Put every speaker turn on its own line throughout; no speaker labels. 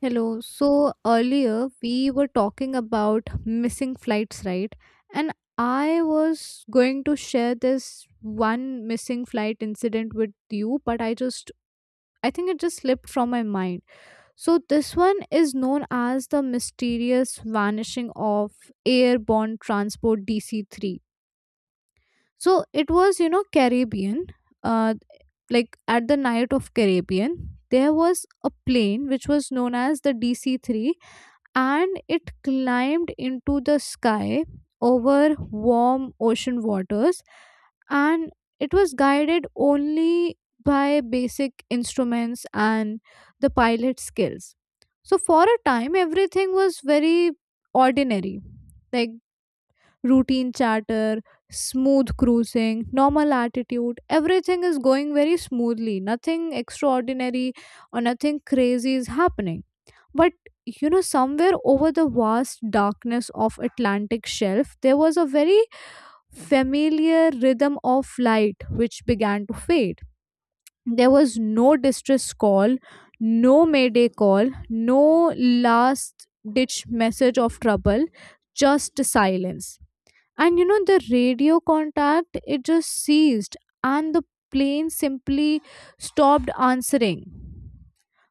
Hello. So earlier we were talking about missing flights, right? And I was going to share this one missing flight incident with you, but I think it just slipped from my mind. So this one is known as the mysterious vanishing of airborne transport DC-3. So it was Caribbean. Uh like at the night of Caribbean, there was a plane which was known as the DC-3, and it climbed into the sky over warm ocean waters, and it was guided only by basic instruments and the pilot skills. So for a time, everything was very ordinary. Like routine charter, smooth cruising, normal attitude, everything is going very smoothly, nothing extraordinary, or nothing crazy is happening. But somewhere over the vast darkness of Atlantic shelf, there was a very familiar rhythm of light which began to fade. There was no distress call, no mayday call, no last ditch message of trouble, just silence. And the radio contact, it just ceased, and the plane simply stopped answering.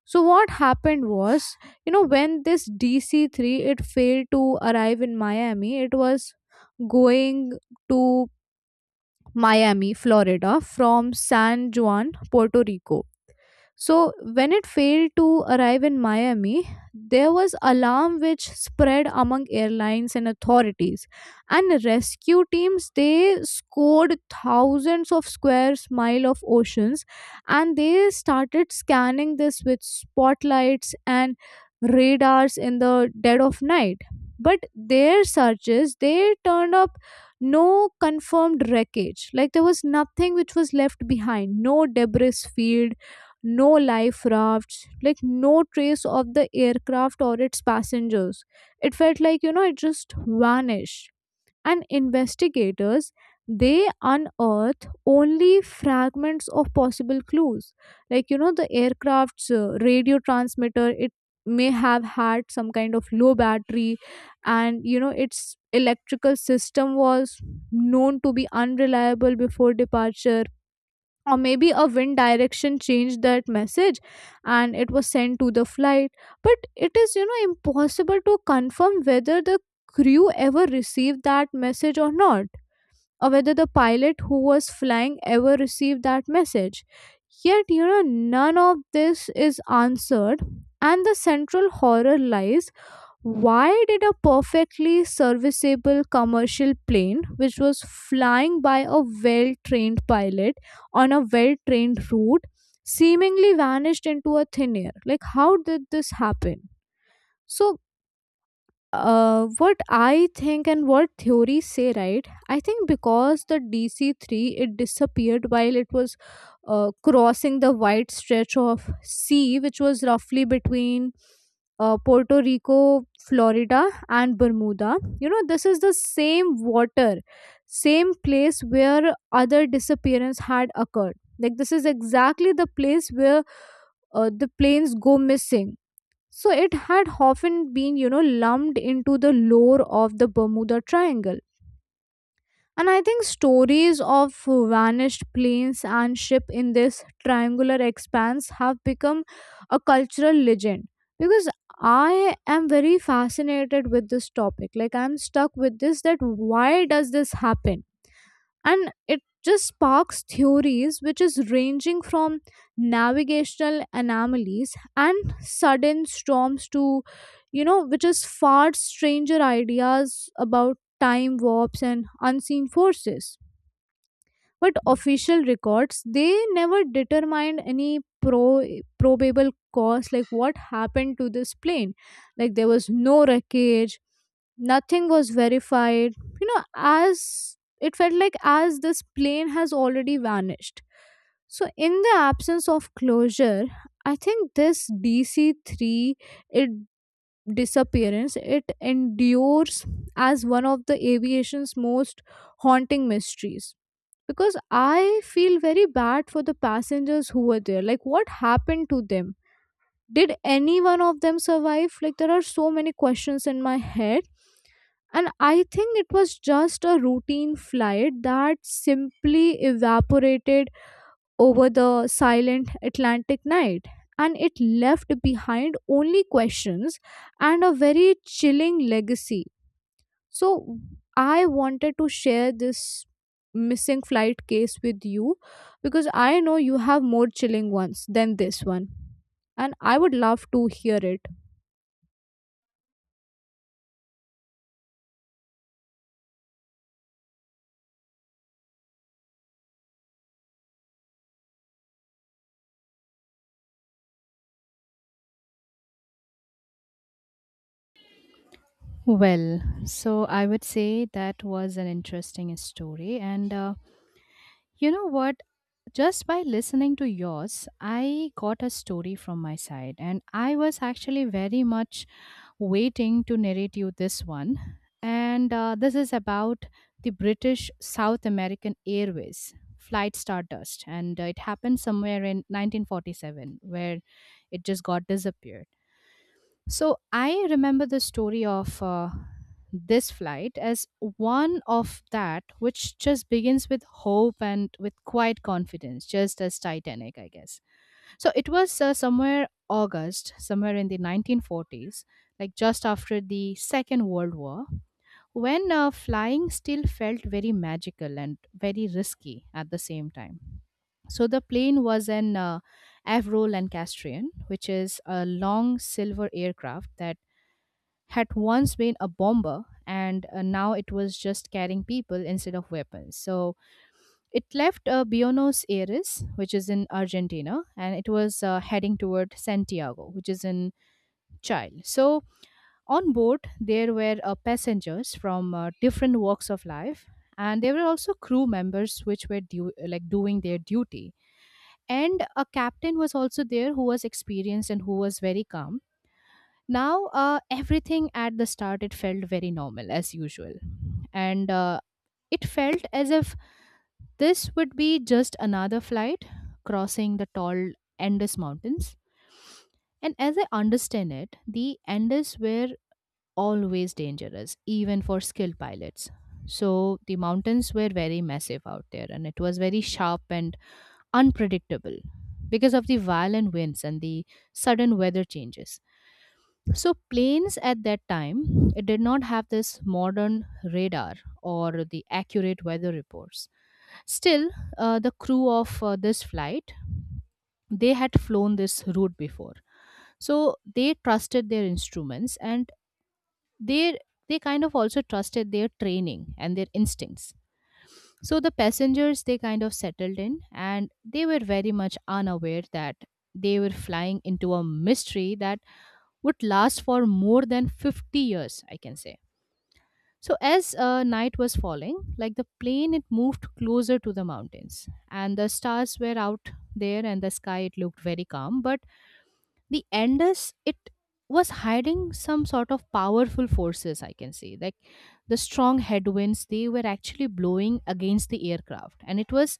So what happened was, when this DC-3 it failed to arrive in Miami. It was going to Miami, Florida from San Juan, Puerto Rico. So when it failed to arrive in Miami, there was alarm which spread among airlines and authorities. And rescue teams, they scored thousands of square mile of oceans, and they started scanning this with spotlights and radars in the dead of night. But their searches, they turned up no confirmed wreckage. Like there was nothing which was left behind, no debris field, no life rafts, like no trace of the aircraft or its passengers. It felt like it just vanished. And investigators, they unearth only fragments of possible clues. Like, the aircraft's radio transmitter, it may have had some kind of low battery, and its electrical system was known to be unreliable before departure. Or maybe a wind direction changed that message and it was sent to the flight, but it is impossible to confirm whether the crew ever received that message or not, or whether the pilot who was flying ever received that message. Yet none of this is answered, and the central horror lies: why did a perfectly serviceable commercial plane, which was flying by a well trained pilot on a well trained route, seemingly vanished into a thin air? Like, how did this happen? So, what I think and what theories say, right? I think because the DC three it disappeared while it was crossing the wide stretch of sea, which was roughly between Puerto Rico, Florida, and Bermuda. This is the same water, same place where other disappearance had occurred. Like this is exactly the place where the planes go missing. So it had often been lumped into the lore of the Bermuda Triangle. And I think stories of vanished planes and ship in this triangular expanse have become a cultural legend, because I am very fascinated with this topic. Like I'm stuck with this that why does this happen? And it just sparks theories which is ranging from navigational anomalies and sudden storms to which is far stranger ideas about time warps and unseen forces. But official records, they never determined any pro probable cause, like what happened to this plane. Like there was no wreckage, nothing was verified, you know as it felt like as this plane has already vanished. So in the absence of closure, I think this DC-3, it disappearance, it endures as one of the aviation's most haunting mysteries, because I feel very bad for the passengers who were there. Like, what happened to them? Did any one of them survive? Like, there are so many questions in my head. And I think it was just a routine flight that simply evaporated over the silent Atlantic night. And it left behind only questions and a very chilling legacy. So I wanted to share this missing flight case with you, because I know you have more chilling ones than this one. And I would love to hear it.
Well, so I would say that was an interesting story. And You know what? Just by listening to yours, I got a story from my side. And I was actually very much waiting to narrate you this one. And This is about the British South American Airways flight Stardust. And It happened somewhere in 1947, where it just got disappeared. So I remember the story of this flight as one of that which just begins with hope and with quiet confidence, just as Titanic, I guess. So it was somewhere August, somewhere in the 1940s, like just after the Second World War, when flying still felt very magical and very risky at the same time. So the plane was an Avril Lancastrian, which is a long silver aircraft that had once been a bomber, and now it was just carrying people instead of weapons. So it left Buenos Aires, which is in Argentina, and it was heading toward Santiago, which is in Chile. So on board, there were passengers from different walks of life, and there were also crew members which were like doing their duty. And a captain was also there who was experienced and who was very calm. Now everything at the start, it felt very normal as usual, and it felt as if this would be just another flight crossing the tall Andes mountains. And as I understand it, the Andes were always dangerous even for skilled pilots. So the mountains were very massive out there, and it was very sharp and unpredictable because of the violent winds and the sudden weather changes. So planes at that time, it did not have this modern radar or the accurate weather reports. Still, the crew of this flight, they had flown this route before, so they trusted their instruments and they they kind of also trusted their training and their instincts. So the passengers, they kind of settled in, and they were very much unaware that they were flying into a mystery that would last for more than 50 years, I can say. So, as night was falling, like the plane, it moved closer to the mountains, and the stars were out there, and the sky, it looked very calm. But the Andes, it was hiding some sort of powerful forces, I can say. Like the strong headwinds, they were actually blowing against the aircraft, and it was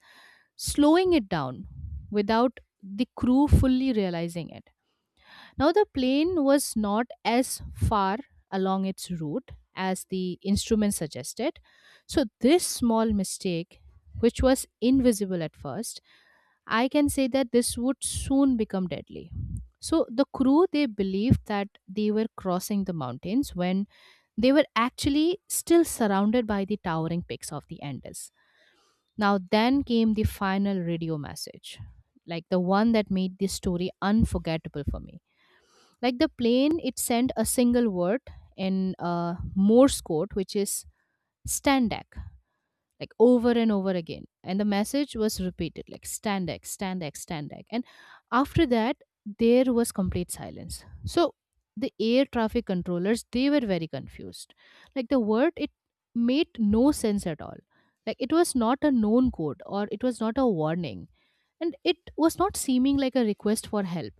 slowing it down without the crew fully realizing it. Now, the plane was not as far along its route as the instrument suggested. So, this small mistake, which was invisible at first, I can say that this would soon become deadly. So, the crew, they believed that they were crossing the mountains when they were actually still surrounded by the towering peaks of the Andes. Now, then came the final radio message, like the one that made this story unforgettable for me. Like the plane, it sent a single word in Morse code, which is standak, like over and over again. And the message was repeated, like standak, standak, standak. And after that, there was complete silence. So the air traffic controllers, they were very confused. Like the word, it made no sense at all. Like it was not a known code, or it was not a warning. And it was not seeming like a request for help.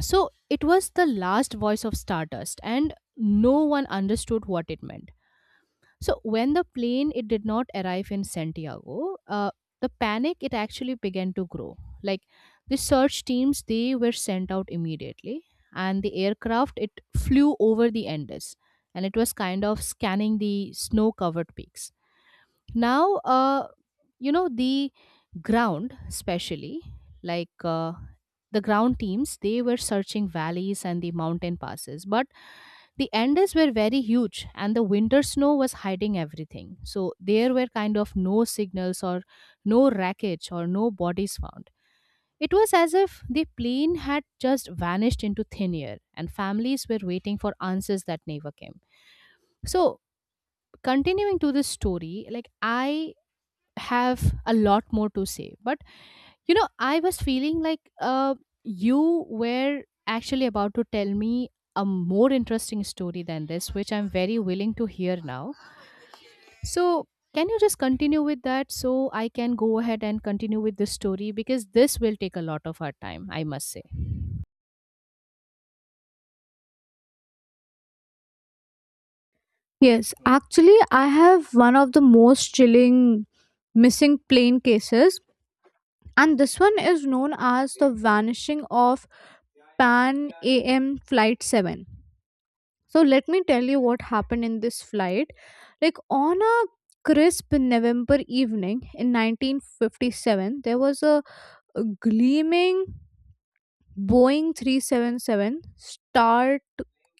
So it was the last voice of Stardust, and no one understood what it meant. So when the plane, it did not arrive in Santiago, the panic, it actually began to grow. Like the search teams, they were sent out immediately, and the aircraft, it flew over the Andes, and it was kind of scanning the snow-covered peaks. Now you know, the ground especially, like uh, the ground teams, they were searching valleys and the mountain passes, but the Andes were very huge and the winter snow was hiding everything, so there were kind of no signals or no wreckage or no bodies found. It was as if the plane had just vanished into thin air, and families were waiting for answers that never came. So continuing to this story, like I have a lot more to say, but you know, I was feeling like you were actually about to tell me a more interesting story than this, which I'm very willing to hear now. So can you just continue with that, so I can go ahead and continue with this story, because this will take a lot of our time, I must say.
Yes, actually, I have one of the most chilling missing plane cases. And this one is known as the vanishing of Pan AM Flight 7. So let me tell you what happened in this flight. Like on a crisp November evening in 1957, there was a gleaming Boeing 377 Star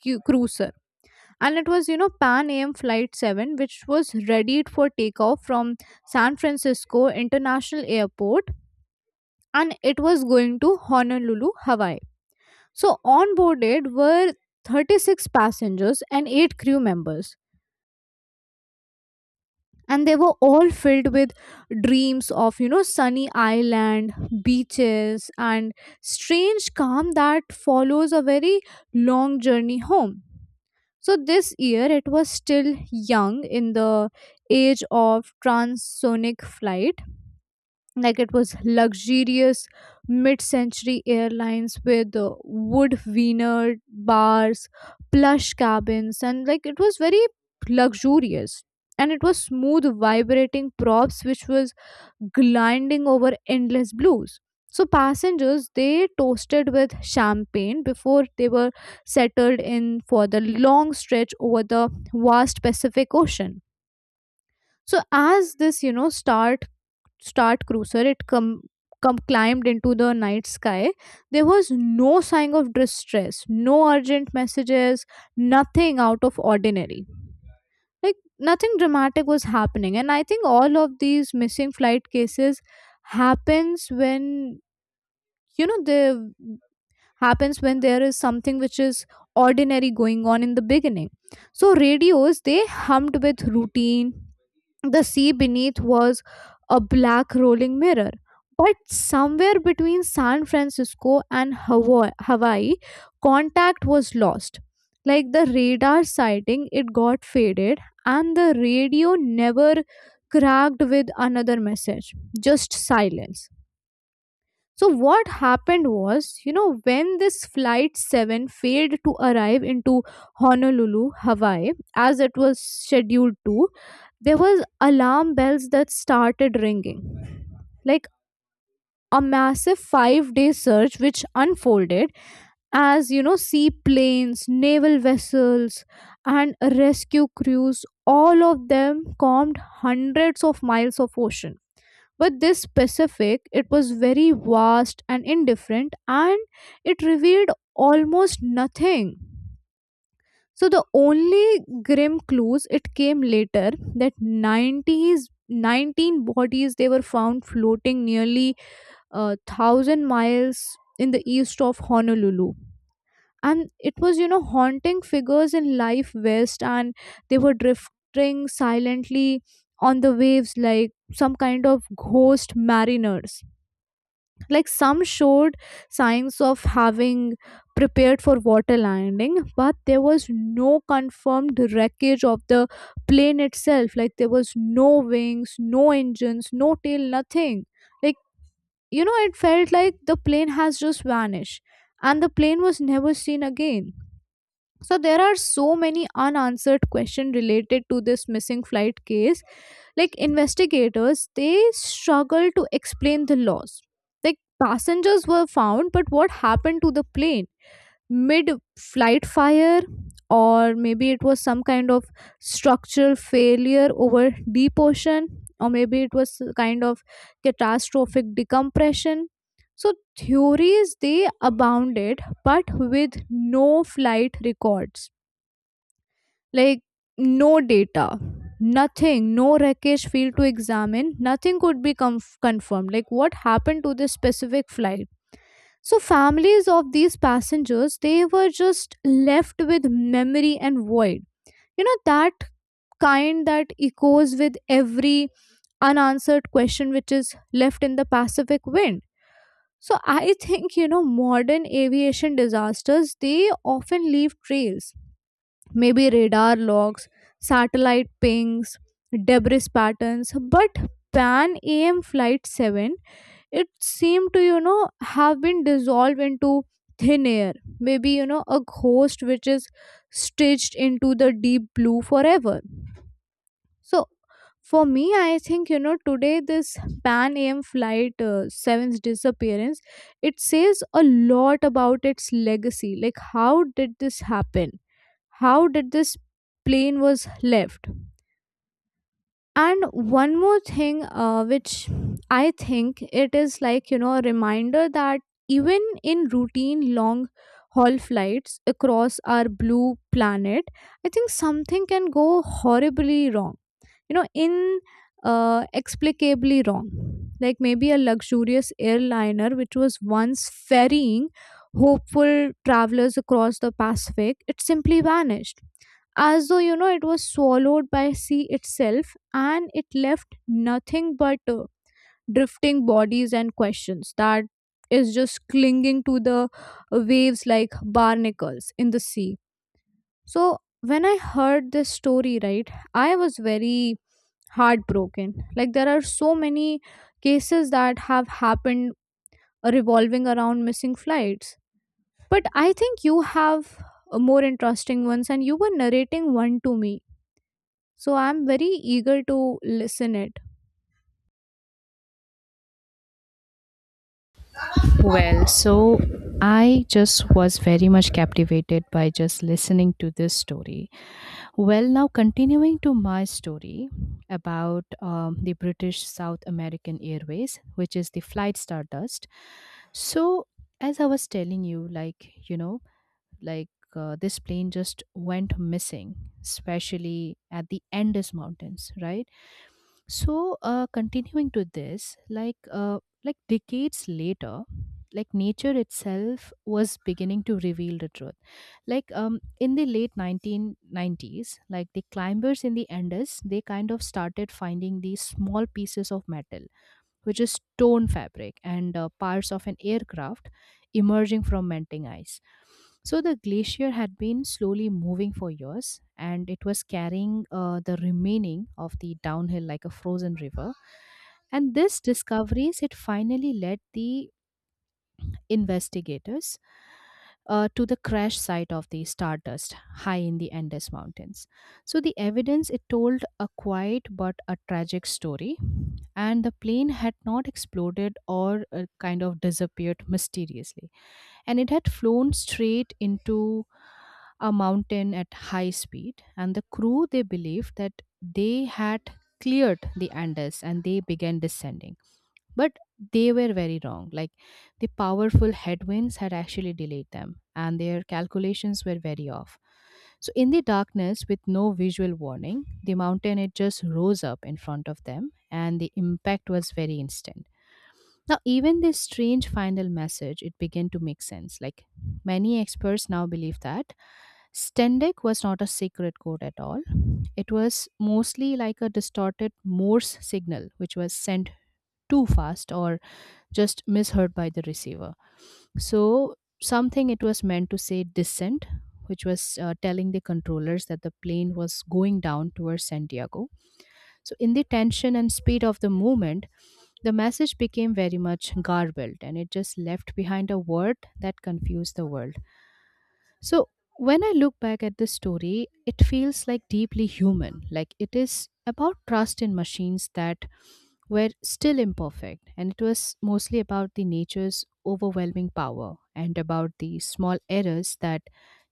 Cruiser. And it was Pan AM Flight 7, which was readied for takeoff from San Francisco International Airport, and it was going to Honolulu, Hawaii. So, on boarded were 36 passengers and 8 crew members, and they were all filled with dreams of sunny island beaches and strange calm that follows a very long journey home. So this year it was still young in the age of transonic flight. Like it was luxurious mid-century airlines with wood veneered bars, plush cabins, and like it was very luxurious, and it was smooth vibrating props which was gliding over endless blues. So passengers, they toasted with champagne before they were settled in for the long stretch over the vast Pacific Ocean. So as this Start cruiser it climbed into the night sky, there was no sign of distress, no urgent messages, nothing out of ordinary. Like nothing dramatic was happening, and I think all of these missing flight cases happens when you know the happens when there is something which is ordinary going on in the beginning. So radios, they hummed with routine. The sea beneath was a black rolling mirror. But somewhere between San Francisco and Hawaii, contact was lost. Like the radar sighting, it got faded, and the radio never cracked with another message, just silence. So what happened was, when this flight 7 failed to arrive into Honolulu, Hawaii as it was scheduled to, there was alarm bells that started ringing. Like a massive 5-day search which unfolded as seaplanes, naval vessels, and rescue crews, all of them calmed hundreds of miles of ocean. But this specific, it was very vast and indifferent, and it revealed almost nothing. So the only grim clues it came later, that 90s 19 bodies they were found floating nearly a thousand miles in the east of Honolulu. And it was haunting figures in life vest, and they were drifting silently on the waves like some kind of ghost mariners. Like some showed signs of having prepared for water landing, but there was no confirmed wreckage of the plane itself. Like there was no wings, no engines, no tail, nothing. Like, it felt like the plane has just vanished and the plane was never seen again. So there are so many unanswered questions related to this missing flight case. Like investigators, they struggle to explain the loss. Like passengers were found, but what happened to the plane? Mid flight fire? Or maybe it was some kind of structural failure over deep ocean? Or maybe it was kind of catastrophic decompression? So theories, they abounded, but with no flight records, like no data, nothing, no wreckage field to examine, nothing could be confirmed. Like, what happened to this specific flight? So, families of these passengers, they were just left with memory and void. That kind that echoes with every unanswered question which is left in the Pacific wind. So I think, modern aviation disasters, they often leave trails, maybe radar logs, satellite pings, debris patterns, but Pan AM Flight 7, it seemed to, have been dissolved into thin air. Maybe, a ghost which is stitched into the deep blue forever. So, for me, I think, today this Pan AM Flight 7's disappearance, it says a lot about its legacy. Like, how did this happen? How did this plane was left? And one more thing which I think it is like a reminder that even in routine long haul flights across our blue planet, I think something can go horribly wrong, in explicably wrong. Like maybe a luxurious airliner which was once ferrying hopeful travelers across the Pacific, it simply vanished, as though it was swallowed by sea itself, and it left nothing but drifting bodies and questions that is just clinging to the waves like barnacles in the sea. So when I heard this story, right, I was very heartbroken. Like there are so many cases that have happened revolving around missing flights, but I think you have more interesting ones and you were narrating one to me, so I'm very eager to listen it.
Well, so I just was very much captivated by just listening to this story. Well, now continuing to my story about the British South American Airways, which is the flight Stardust. So, as I was telling you, like, you know, like this plane just went missing, especially at the Andes Mountains, right? So, continuing to this, like decades later, like nature itself was beginning to reveal the truth. Like in the late 1990s, like the climbers in the Andes, they kind of started finding these small pieces of metal, which is stone fabric, and parts of an aircraft emerging from melting ice. So the glacier had been slowly moving for years, and it was carrying the remaining of the downhill like a frozen river. And this discoveries, it finally led the investigators to the crash site of the Stardust high in the Andes Mountains. So the evidence, it told a quiet but a tragic story, and the plane had not exploded or kind of disappeared mysteriously, and it had flown straight into a mountain at high speed. And the crew, they believed that they had cleared the Andes and they began descending, but they were very wrong. Like the powerful headwinds had actually delayed them, and their calculations were very off. So, in the darkness, with no visual warning, the mountain, it just rose up in front of them, and the impact was very instant. Now, even this strange final message, it began to make sense. Like many experts now believe that Stendek was not a secret code at all. It was mostly like a distorted Morse signal, which was sent too fast or just misheard by the receiver. So something, it was meant to say descent, which was telling the controllers that the plane was going down towards Santiago. So in the tension and speed of the movement, the message became very much garbled, and it just left behind a word that confused the world. So, when I look back at this story, it feels like deeply human. Like it is about trust in machines that were still imperfect. And it was mostly about the nature's overwhelming power, and about the small errors that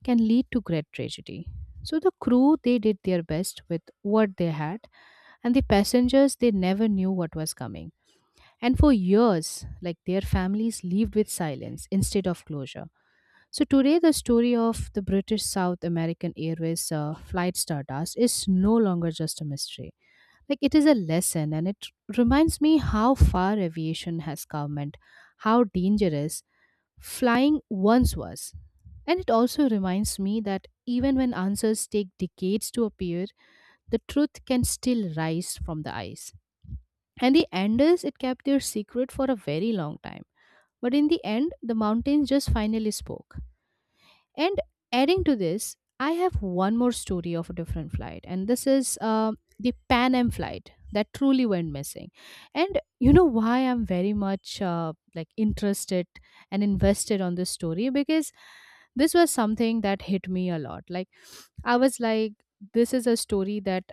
can lead to great tragedy. So, the crew, they did their best with what they had, and the passengers, they never knew what was coming. And for years, like their families lived with silence instead of closure. So today, the story of the British South American Airways flight Stardust is no longer just a mystery. Like it is a lesson, and it reminds me how far aviation has come, and how dangerous flying once was. And it also reminds me that even when answers take decades to appear, the truth can still rise from the ice. And the Anders, it kept their secret for a very long time. But in the end, the mountains just finally spoke. And adding to this, I have one more story of a different flight, and this is the Pan Am flight that truly went missing. And you know why I'm very much like interested and invested on this story, because this was something that hit me a lot. Like I was like, this is a story that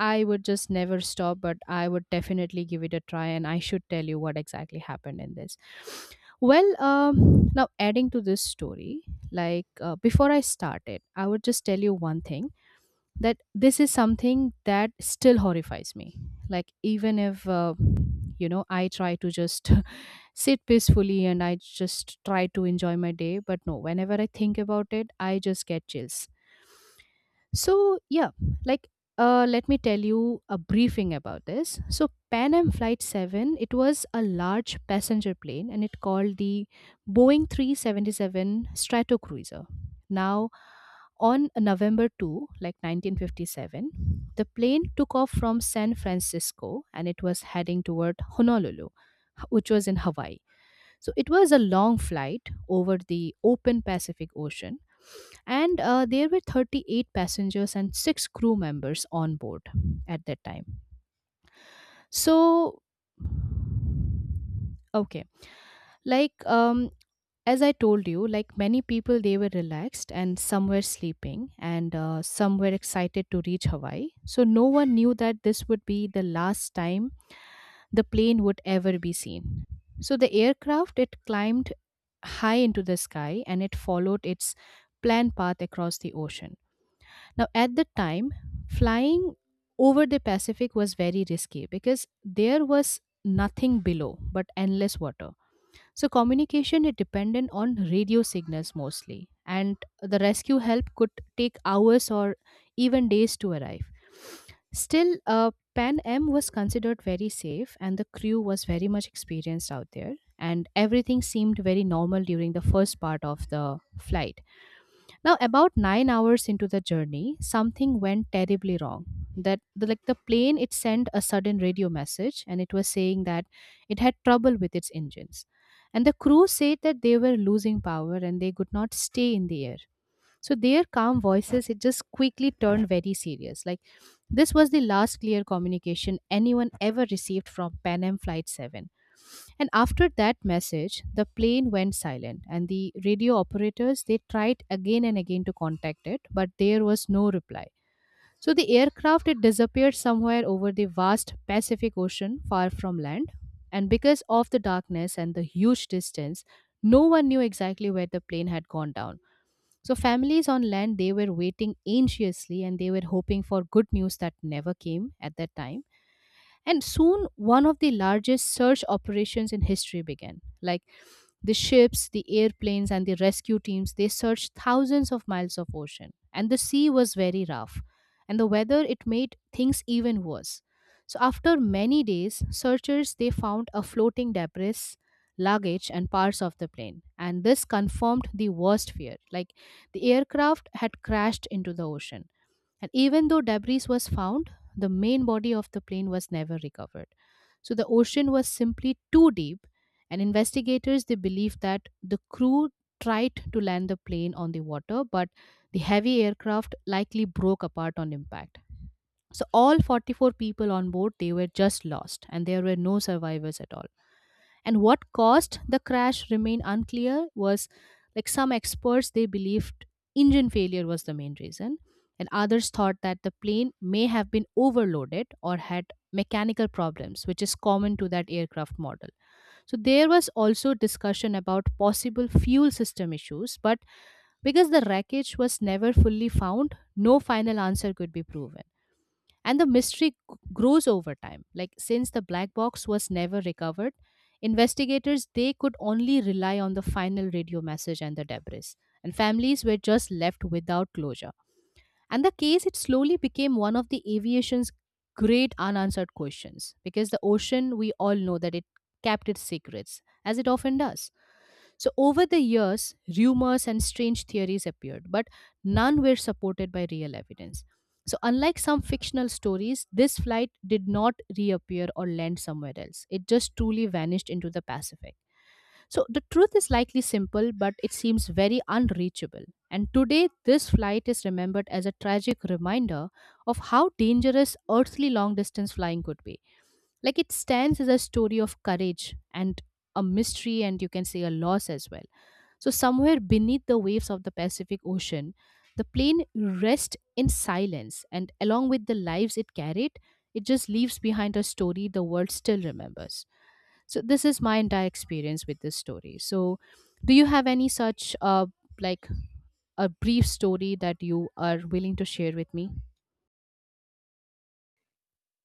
I would just never stop, but I would definitely give it a try, and I should tell you what exactly happened in this. Well, now adding to this story, before I started, I would just tell you one thing that this is something that still horrifies me. Like even if you know, I try to just sit peacefully and I just try to enjoy my day, but no, whenever I think about it, I just get chills. So, yeah, like let me tell you a briefing about this. So, Pan Am Flight 7, it was a large passenger plane, and it called the Boeing 377 Stratocruiser. Now, on November 2, like 1957, the plane took off from San Francisco, and it was heading toward Honolulu, which was in Hawaii. So it was a long flight over the open Pacific Ocean, and there were 38 passengers and 6 crew members on board at that time. So, okay, like um, as I told you, like many people, they were relaxed and some were sleeping and some were excited to reach Hawaii. So no one knew that this would be the last time the plane would ever be seen. So the aircraft it climbed high into the sky and it followed its planned path across the ocean. Now, at the time, flying over the Pacific was very risky because there was nothing below but endless water. So communication is dependent on radio signals mostly, and the rescue help could take hours or even days to arrive. Still, Pan Am was considered very safe, and the crew was very much experienced out there, and everything seemed very normal during the first part of the flight. Now, about 9 hours into the journey, something went terribly wrong. Like the plane, it sent a sudden radio message, and it was saying that it had trouble with its engines, and the crew said that they were losing power and they could not stay in the air. So their calm voices, it just quickly turned very serious. Like this was the last clear communication anyone ever received from Pan Am Flight 7. And after that message, the plane went silent, and the radio operators they tried again and again to contact it, but there was no reply. So the aircraft it disappeared somewhere over the vast Pacific Ocean, far from land. And because of the darkness and the huge distance, no one knew exactly where the plane had gone down. So families on land they were waiting anxiously and they were hoping for good news that never came at that time. And soon one of the largest search operations in history began. Like the ships, the airplanes, and the rescue teams, they searched thousands of miles of ocean. And the sea was very rough. And the weather, it made things even worse. So after many days, searchers they found a floating debris, luggage, and parts of the plane. And this confirmed the worst fear. Like the aircraft had crashed into the ocean. And even though debris was found, the main body of the plane was never recovered. So the ocean was simply too deep, and investigators they believe that the crew tried to land the plane on the water, but the heavy aircraft likely broke apart on impact. So all 44 people on board they were just lost, and there were no survivors at all. And what caused the crash remained unclear. Was like some experts they believed engine failure was the main reason, and others thought that the plane may have been overloaded or had mechanical problems which is common to that aircraft model. So there was also discussion about possible fuel system issues, but because the wreckage was never fully found, no final answer could be proven. And the mystery grows over time. Like since the black box was never recovered, investigators they could only rely on the final radio message and the debris. And families were just left without closure. And the case it slowly became one of the aviation's great unanswered questions because the ocean we all know that it kept its secrets as it often does. So, over the years, rumors and strange theories appeared, but none were supported by real evidence. So, unlike some fictional stories, this flight did not reappear or land somewhere else. It just truly vanished into the Pacific. So, the truth is likely simple, but it seems very unreachable. And today, this flight is remembered as a tragic reminder of how dangerous earthly long distance flying could be. Like, it stands as a story of courage and a mystery, and you can say a loss as well. So, somewhere beneath the waves of the Pacific Ocean, the plane rests in silence, and along with the lives it carried, it just leaves behind a story the world still remembers. So, this is my entire experience with this story. So, do you have any such, like, a brief story that you are willing to share with me?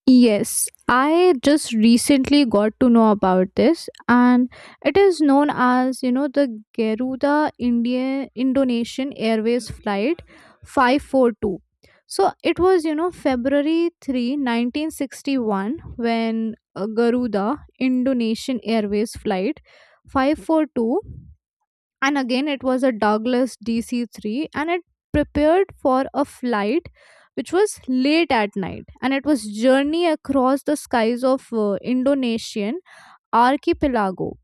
Yes, I just recently got to know about this, and it is known as the Garuda India Indonesian Airways flight 542. So it was February 3, 1961 when Garuda Indonesian Airways flight 542 and again it was a Douglas DC-3 and it prepared for a flight which was late at night and it was journey across the skies of Indonesian archipelago.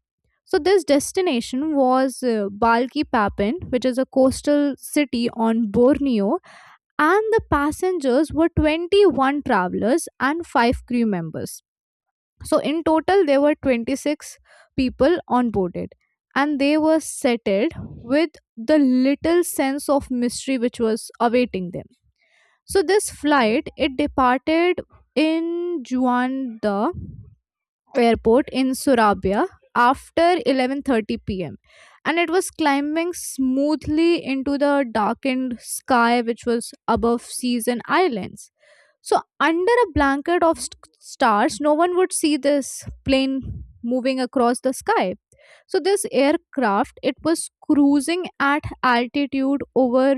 So this destination was Balki Papan, which is a coastal city on Borneo, and the passengers were 21 travelers and 5 crew members. So in total, there were 26 people onboarded, and they were settled with the little sense of mystery which was awaiting them. So this flight it departed in Juanda airport in Surabaya after 11:30 p.m. and it was climbing smoothly into the darkened sky which was above seas and islands. So, under a blanket of stars, no one would see this plane moving across the sky. So, this aircraft, it was cruising at altitude over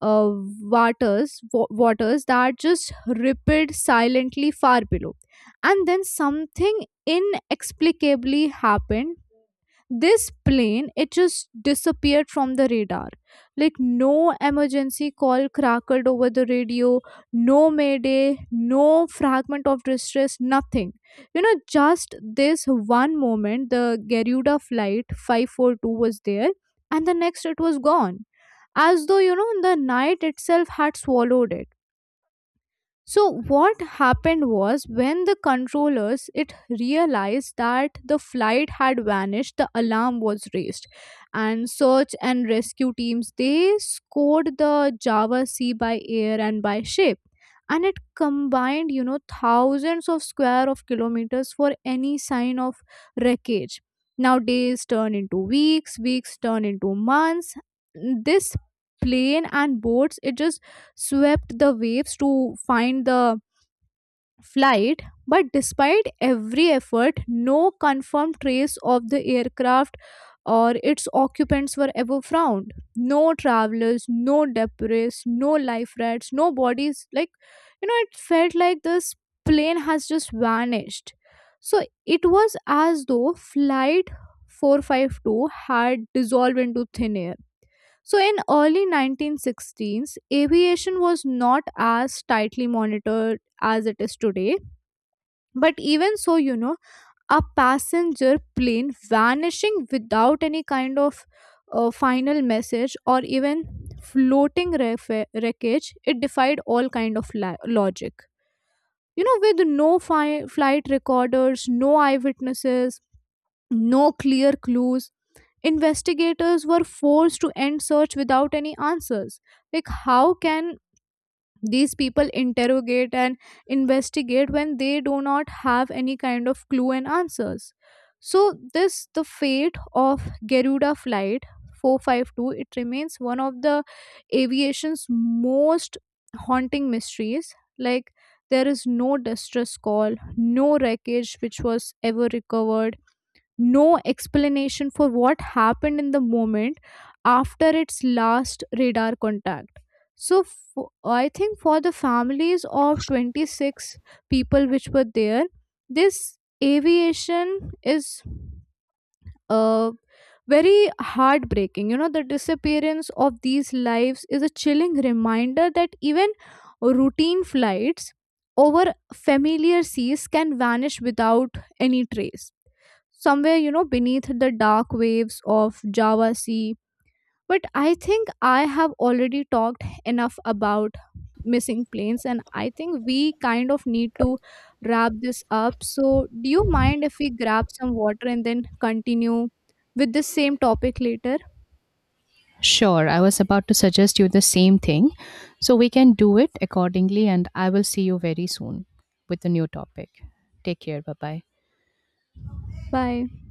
uh, waters, waters that just rippled silently far below. And then something inexplicably happened, this plane it just disappeared from the radar, like no emergency call crackled over the radio, no mayday, no fragment of distress, nothing, just this. One moment the Garuda flight 542 was there and the next it was gone, as though the night itself had swallowed it. So what happened was when the controllers it realized that the flight had vanished, the alarm was raised and search and rescue teams they scored the Java Sea by air and by ship, and it combined thousands of square of kilometers for any sign of wreckage. Now days turn into weeks, weeks turn into months, this plane and boats it just swept the waves to find the flight, but despite every effort, no confirmed trace of the aircraft or its occupants were ever found. No travelers, no debris, no life rafts, no bodies. Like, it felt like this plane has just vanished. So it was as though Flight 452 had dissolved into thin air. So in early 1916s, aviation was not as tightly monitored as it is today. But even so, a passenger plane vanishing without any kind of final message or even floating wreckage, it defied all kind of logic. With no flight recorders, no eyewitnesses, no clear clues, investigators were forced to end search without any answers. Like how can these people interrogate and investigate when they do not have any kind of clue and answers? So this, the fate of Garuda flight 452, it remains one of the aviation's most haunting mysteries. Like there is no distress call, no wreckage which was ever recovered, no explanation for what happened in the moment after its last radar contact. So, I think for the families of 26 people which were there, this aviation is uh, very heartbreaking. The disappearance of these lives is a chilling reminder that even routine flights over familiar seas can vanish without any trace somewhere, beneath the dark waves of Java Sea. But I think I have already talked enough about missing planes and I think we kind of need to wrap this up. So do you mind if we grab some water and then continue with the same topic later?
Sure, I was about to suggest you the same thing. So, we can do it accordingly, and I will see you very soon with a new topic. Take care. Bye bye.
Bye.